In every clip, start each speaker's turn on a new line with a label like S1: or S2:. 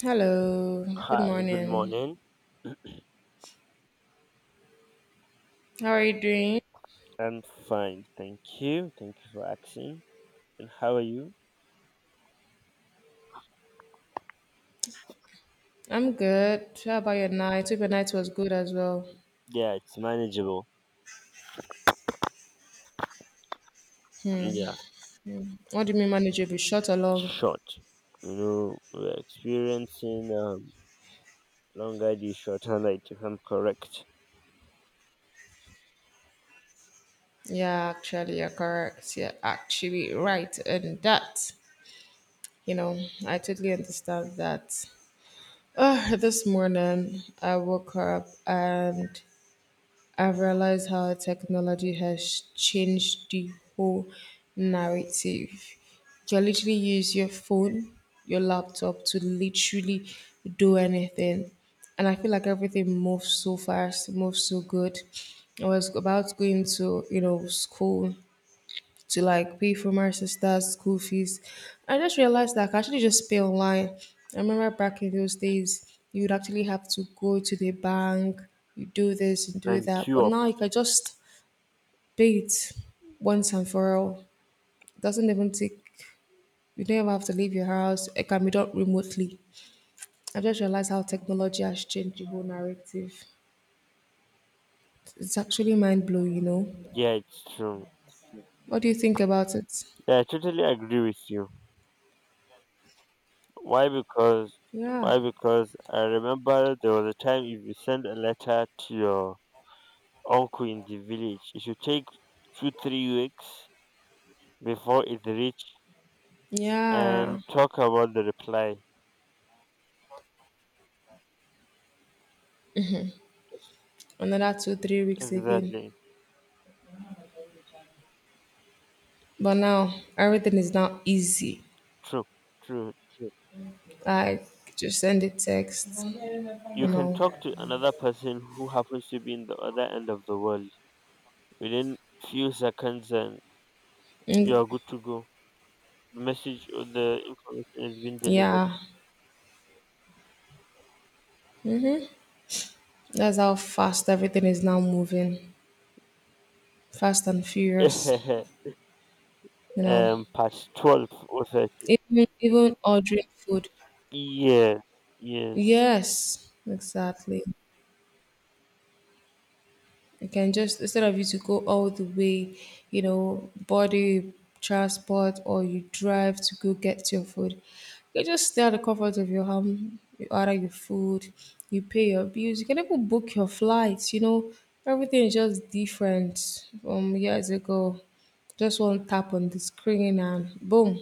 S1: Hello, good
S2: Hi, good
S1: morning.
S2: morning.
S1: How are you doing?
S2: I'm fine, thank you. Thank you for asking. And how are you?
S1: I'm good. How about your night? Hope your night was good as well.
S2: Yeah, it's manageable. Mm, yeah,
S1: What do you mean manageable? Short or long?
S2: short. We're experiencing longer day shorter night, if I'm correct.
S1: Yeah, actually, you're correct. You're actually right. And that, you know, I totally understand that. This morning, I woke up and I've realized how technology has changed the whole narrative. You can literally use your phone, your laptop to literally do anything. And I feel like everything moves so fast, moves so good. I was about going to, you know, school to like pay for my sister's school fees. I just realized that I can actually just pay online. I remember back in those days, you would actually have to go to the bank, you do this and do
S2: And
S1: that.
S2: queue
S1: But
S2: up.
S1: now you can just pay it once and for all. It doesn't even take, you don't even have to leave your house. It can be done remotely. I just realized how technology has changed the whole narrative. It's actually mind blowing, you know.
S2: Yeah, it's true.
S1: What do you think about it?
S2: Yeah, I totally agree with you. Why? Because,
S1: Yeah.
S2: why? Because I remember there was a time if you send a letter to your uncle in the village, it should take 2 to 3 weeks before it reach and
S1: Yeah.
S2: talk about the reply. Yes.
S1: Another 2, 3 weeks again.
S2: Exactly.
S1: But now everything is now easy.
S2: True. True. True.
S1: Like just send a text,
S2: Y-
S1: you
S2: You can
S1: know.
S2: talk to another person who happens to be in the other end of the world within few seconds, and you
S1: Mm,
S2: are good to go. The message or the information has been delivered.
S1: yeah, that's how fast everything is now moving, fast and furious. You know,
S2: Part 12 or 13.
S1: even ordering food.
S2: Yes. Yes.
S1: Yes, exactly. You can just instead of you to go all the way, you know, body transport or you drive to go get your food. You can just stay at the comfort of your home, you order your food, you pay your bills, you can even book your flights, you know. Everything is just different from years ago. Just one tap on the screen and boom,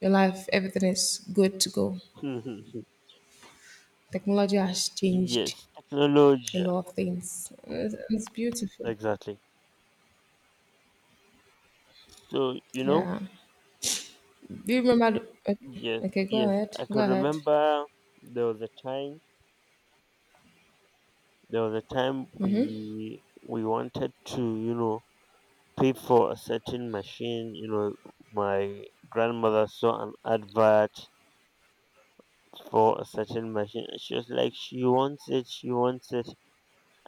S1: your life, everything is good to go. Technology has changed
S2: Yes.
S1: a
S2: Technology.
S1: lot of things. It's beautiful.
S2: Exactly. So you know.
S1: Yeah. Do you remember? The,
S2: Yes.
S1: okay, go
S2: Yes.
S1: ahead.
S2: I
S1: Go
S2: can
S1: ahead.
S2: remember there was a time There was a time we wanted to, you know, pay for a certain machine. My grandmother saw an advert for a certain machine, and she was like, she wants it,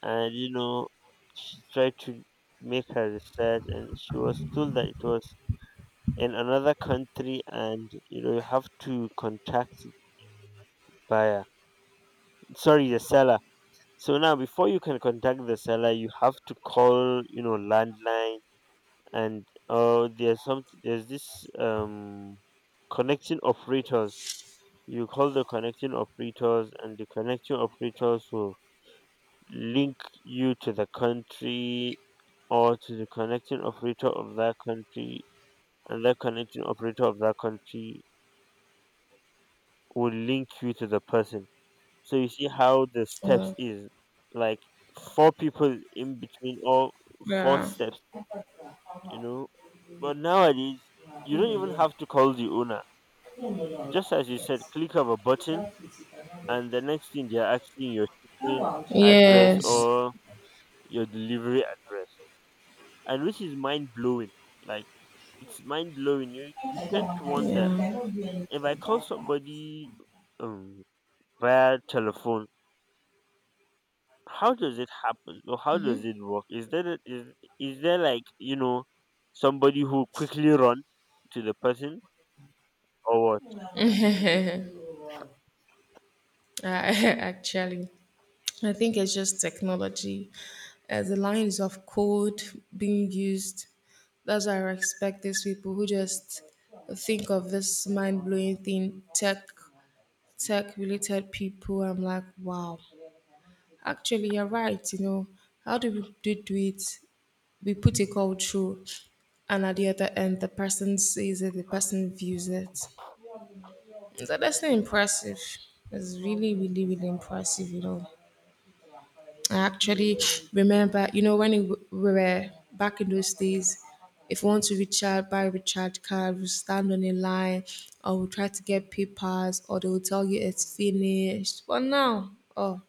S2: and she tried to make her research, and she was told that it was in another country, and you have to contact buyer, the seller. So now, before you can contact the seller, you have to call, you know, landline, and there's this connecting operators. You call the connecting operators, and the connecting operators will link you to the country or to the connecting operator of that country, and that connecting operator of that country will link you to the person. So you see how the
S1: Uh,
S2: steps is like four people in between, all four
S1: yeah.
S2: steps, you know. But nowadays, you don't even have to call the owner. Just as you said, click of a button, and the next thing they're asking your shipping address
S1: Yes.
S2: or your delivery address, and which is mind blowing. Like it's mind blowing. You tend to wonder,
S1: Yeah.
S2: if I call somebody um via telephone, how does it happen or how does it work, is there like somebody who quickly run to the person or what.
S1: I, actually, I think it's just technology. The lines of code being used. That's why I respect these people who just think of this mind blowing thing, tech, tech related people. I'm like, wow. Actually, you're right. You know, how do we do it? We put a call through, and at the other end, the person sees it, the person views it. It's honestly impressive. It's really, really, really impressive, you know. I actually remember, you know, we were back in those days, if we want to recharge, buy a recharge card, we stand on a line, or we try to get papers, or they will tell you it's finished. But now, oh,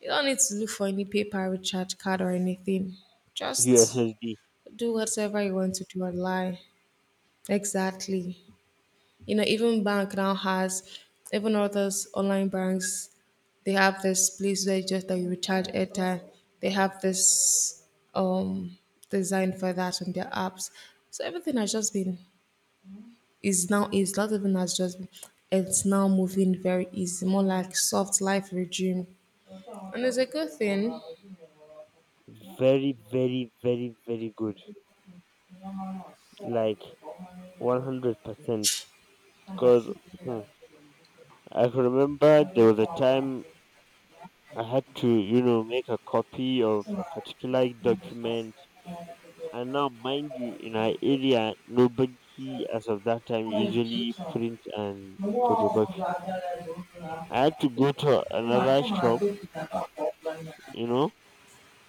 S1: you don't need to look for any paper, recharge card, or anything. Just
S2: USSD.
S1: do whatever you want to do online. Exactly. You know, even bank now has, even others online banks, they have this place where just that you recharge airtime. They have this um design for that on their apps. So everything has just been is now is not even has just been it's now moving very easy, more like soft life regime. And it's a good thing.
S2: Very very very very good, like 100%, because I can remember there was a time I had to, make a copy of a particular document. And now, mind you, in our area nobody as of that time usually print and photocopy. I had to go to another shop, you know,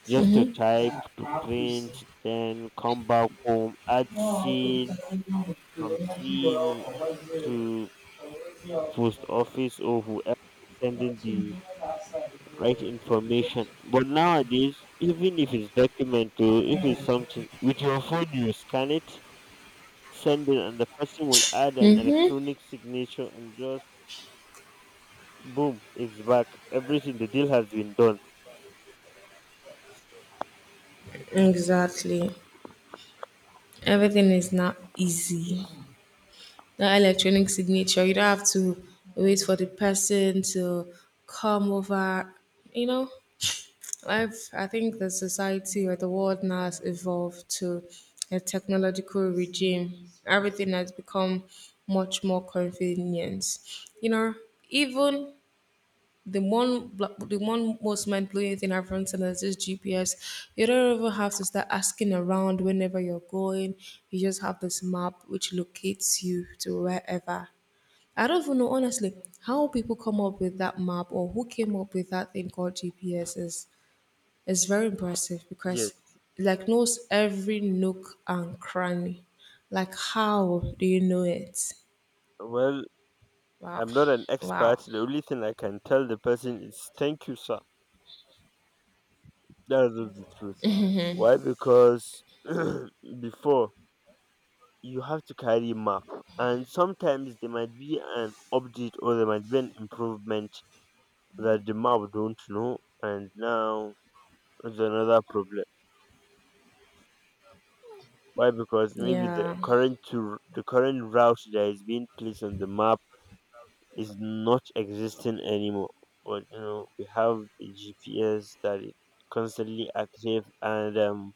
S2: just to
S1: Mm-hmm.
S2: type, to print, then come back home, add seal from seal to post office or whoever is sending the right information. But nowadays, even if it's document or if it's something with your phone, you scan it, send it, and the person will add an
S1: Mm-hmm.
S2: electronic signature, and just boom, it's back. Everything, the deal has been done.
S1: Exactly. Everything is now easy.
S2: Yes.
S1: That electronic signature, you don't have to wait for the person to come over. You know, I think the society or the world now has evolved to a technological regime. Everything has become much more convenient. You know, even the one most mind blowing thing I've learned is this GPS. You don't even have to start asking around whenever you're going. You just have this map which locates you to wherever. I don't even know honestly how people come up with that map or who came up with that thing called GPS is very impressive
S2: Yes.
S1: because it like knows every nook and cranny. Like how do you know it?
S2: Well,
S1: Wow.
S2: I'm not an
S1: Wow.
S2: expert. The only thing I can tell the person is thank you, sir. That's just the truth. Why? Because before, you have to carry map, and sometimes there might be an update or there might be an improvement that the map don't know, and now it's another problem. Why? Because maybe the
S1: Yeah.
S2: current to the current route that is being placed on the map is not existing anymore. But you know, we have the GPS that is constantly active, and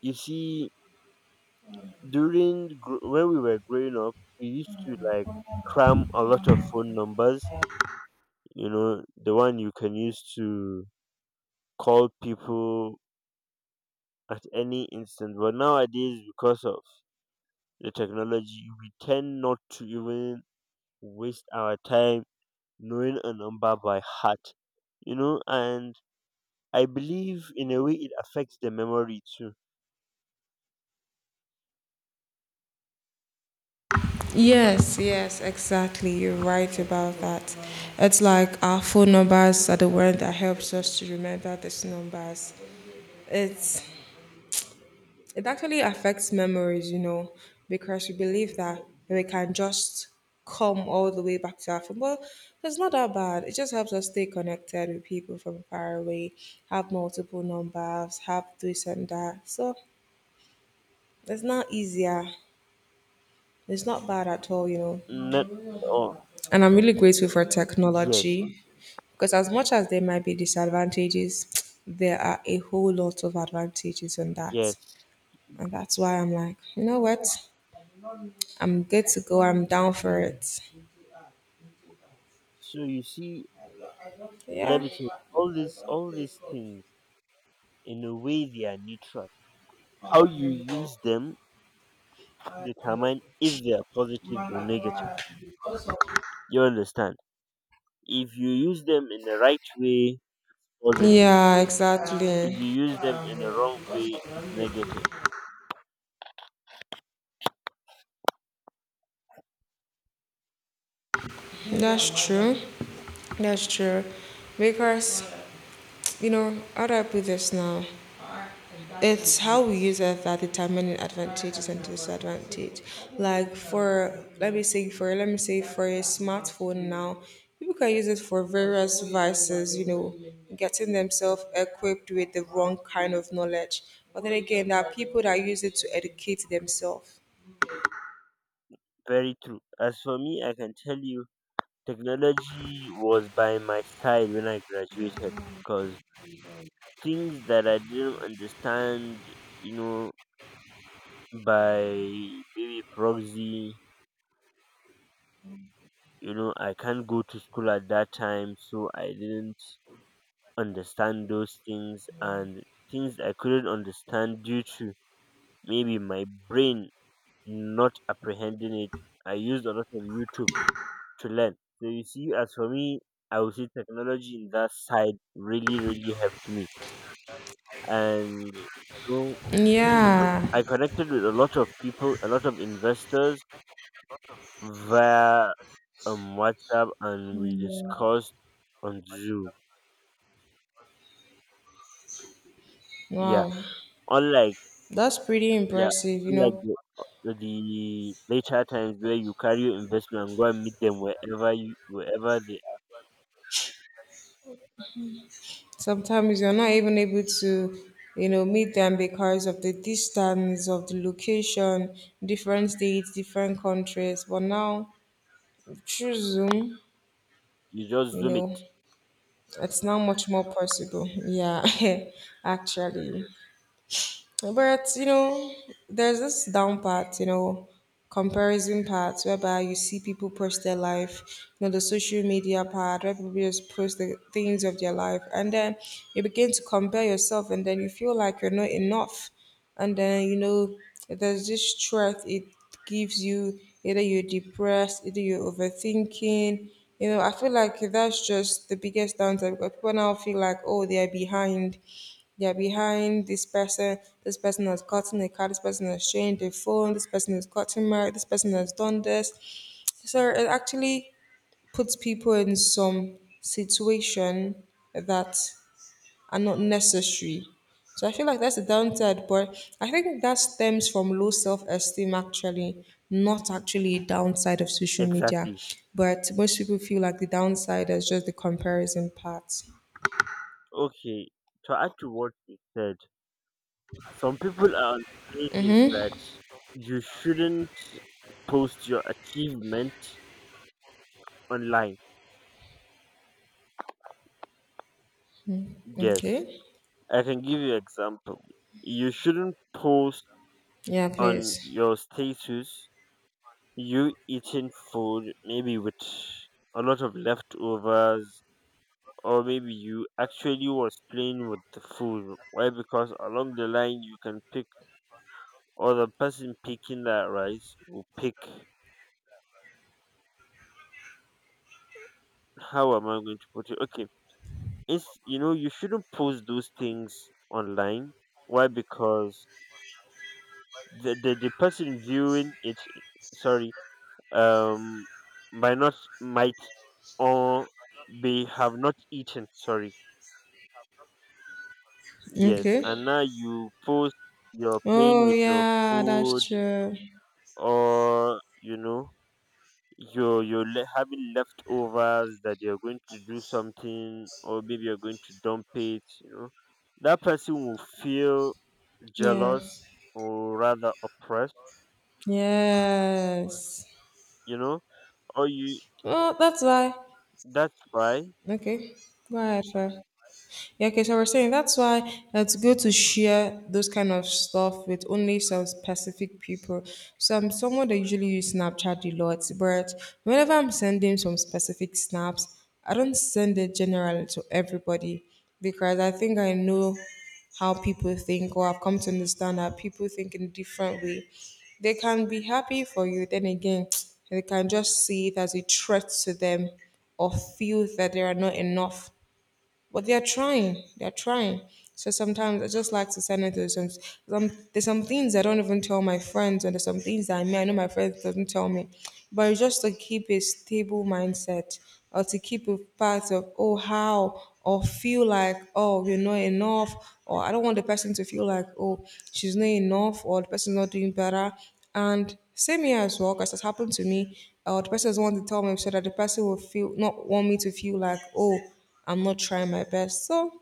S2: you see, when we were growing up, we used to like cram a lot of phone numbers. You know, the one you can use to call people at any instant. But nowadays, because of the technology, we tend not to even waste our time knowing a number by heart. And I believe in a way it affects the memory too.
S1: Yes, yes, exactly. You're right about that. It's like our phone numbers are the one that helps us to remember these numbers. It's it actually affects memories, you know, because we believe that we can just come all the way back to our phone. Well, it's not that bad. It just helps us stay connected with people from far away, have multiple numbers, have this and that. So it's not easier. It's not bad at all, you know.
S2: Not at all.
S1: And I'm really grateful for
S2: Yes,
S1: technology because as much as there might be disadvantages, there are a whole lot of advantages on that.
S2: yes.
S1: And that's why I'm like, you know what? I'm good to go. I'm down for it.
S2: So you see,
S1: Yeah.
S2: let me tell you, all this, all these things, in a way, they are neutral. How you use them determine if they are positive or negative. You understand? If you use them in the right way, positive.
S1: Yeah,
S2: If
S1: exactly.
S2: you use them in the wrong way, it's negative.
S1: That's true. That's true. Because, you know, how do I put this now? It's how we use it that determining advantages and disadvantage. Like for let me say for let me say for a smartphone now, people can use it for various vices, you know, getting themselves equipped with the wrong kind of knowledge. But then again, there are people that use it to educate themselves.
S2: Very true. As for me, I can tell you, technology was by my side when I graduated. Cause things that I didn't understand, you know, by maybe proxy. You know, I can't go to school at that time, so I didn't understand those things, and things I couldn't understand due to maybe my brain not apprehending it. I used a lot of YouTube to learn. So you see, as for me, I would say technology in that side really, really helped me. And know
S1: Yeah,
S2: I connected with a lot of investors, via WhatsApp, and we discussed on Zoom. Yeah,
S1: wow,
S2: unlike,
S1: that's pretty
S2: yeah,
S1: impressive. You
S2: unlike
S1: know,
S2: the later times, where you carry your investment and go and meet them wherever you wherever they are.
S1: sometimes you're not even able to, you know, meet them because of the distance, of the location, different states, different countries. But now, through Zoom,
S2: You just
S1: you
S2: zoom it.
S1: know, it's now much more possible. Yeah, actually.
S2: Yes,
S1: But you know, there's this down part, you know, comparison part whereby you see people post their life, you know, the social media part where people just post the things of their life, and then you begin to compare yourself, and then you feel like you're not enough, and then you know, there's this stress it gives you. Either you're depressed, either you're overthinking. You know, I feel like that's just the biggest downside because people now feel like, oh, they're behind this person has gotten a car, this person has changed a phone, this person has gotten married, this person has done this. So it actually puts people in some situation that are not necessary. So I feel like that's the downside, but I think that stems from low self-esteem actually, not actually a downside of social media.
S2: exactly.
S1: But most people feel like the downside is just the comparison part.
S2: Okay, to add to what you said, some people are on the basis that you shouldn't post your achievement online. Yes,
S1: Okay.
S2: I can give you example. You shouldn't post
S1: Yeah,
S2: on
S1: please.
S2: your status you eating food maybe with a lot of leftovers, or maybe you actually was playing with the food. Why? Because along the line, you can pick, or the person picking that rice will pick. How am I going to put it? Okay, it's, you know, you shouldn't post those things online. Why? Because the person viewing it, sorry, um might not, might, or they have not eaten. Sorry. Yes.
S1: Okay.
S2: And now you post, you're playing
S1: Oh,
S2: with your
S1: yeah,
S2: food,
S1: that's true.
S2: or you're having leftovers that you're going to do something, or maybe you're going to dump it, that person will feel
S1: Yeah.
S2: jealous or rather oppressed,
S1: Yes.
S2: you know, or you
S1: Oh, that's why.
S2: that's why.
S1: Okay. Go ahead, sir. Yeah, okay, so we're saying that's why it's good to share those kind of stuff with only some specific people. So I'm someone that usually use Snapchat a lot, but whenever I'm sending some specific snaps, I don't send it generally to everybody because I think I know how people think, or I've come to understand that people think in a different way. They can be happy for you, then again, they can just see it as a threat to them or feel that they are not enough but they're trying. They're trying. So sometimes I just like to send it to some. There's some things I don't even tell my friends, and there's some things that I mean I know my friends doesn't tell me, but it's just to keep a stable mindset or to keep a part of oh how or feel like oh you're not enough or I don't want the person to feel like oh she's not enough or the person's not doing better and same here as well, because it's happened to me. The person doesn't want to tell me so that the person will feel not want me to feel like, oh, I'm not trying my best. So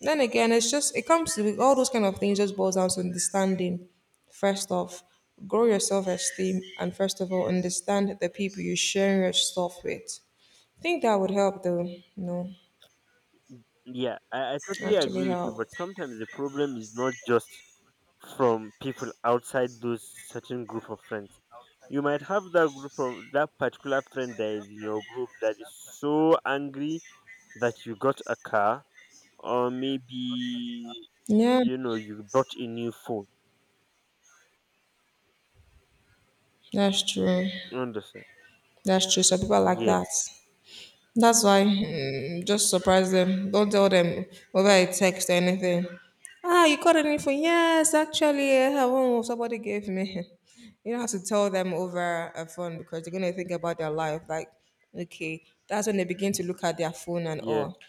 S1: then again, it's just it comes to all those kind of things. Just boils down to understanding. First off, grow your self esteem, and first of all, understand the people you're sharing your stuff with. I think that would help, though. You know,
S2: Yeah, I totally
S1: actually
S2: agree with you,
S1: help.
S2: but sometimes the problem is not just from people outside those certain group of friends. You might have that group of that particular friend that is in your group that is so angry that you got a car, or maybe
S1: Yeah,
S2: you know you bought a new phone.
S1: that's true.
S2: You understand?
S1: That's true. So people are like
S2: Yes,
S1: that. That's why, just surprise them. Don't tell them whether I text anything. Ah, you got anything? Yes, actually, I have one somebody gave me. You don't have to tell them over a phone because they're gonna think about their life. Like, okay, that's when they begin to look at their phone and
S2: yes.
S1: all.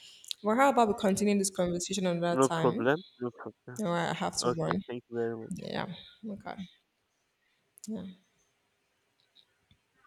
S1: Well, how about we continue this conversation another
S2: No
S1: time?
S2: problem. No problem.
S1: All right, I have to
S2: Okay,
S1: run.
S2: thank you very much.
S1: Yeah. Okay. Yeah.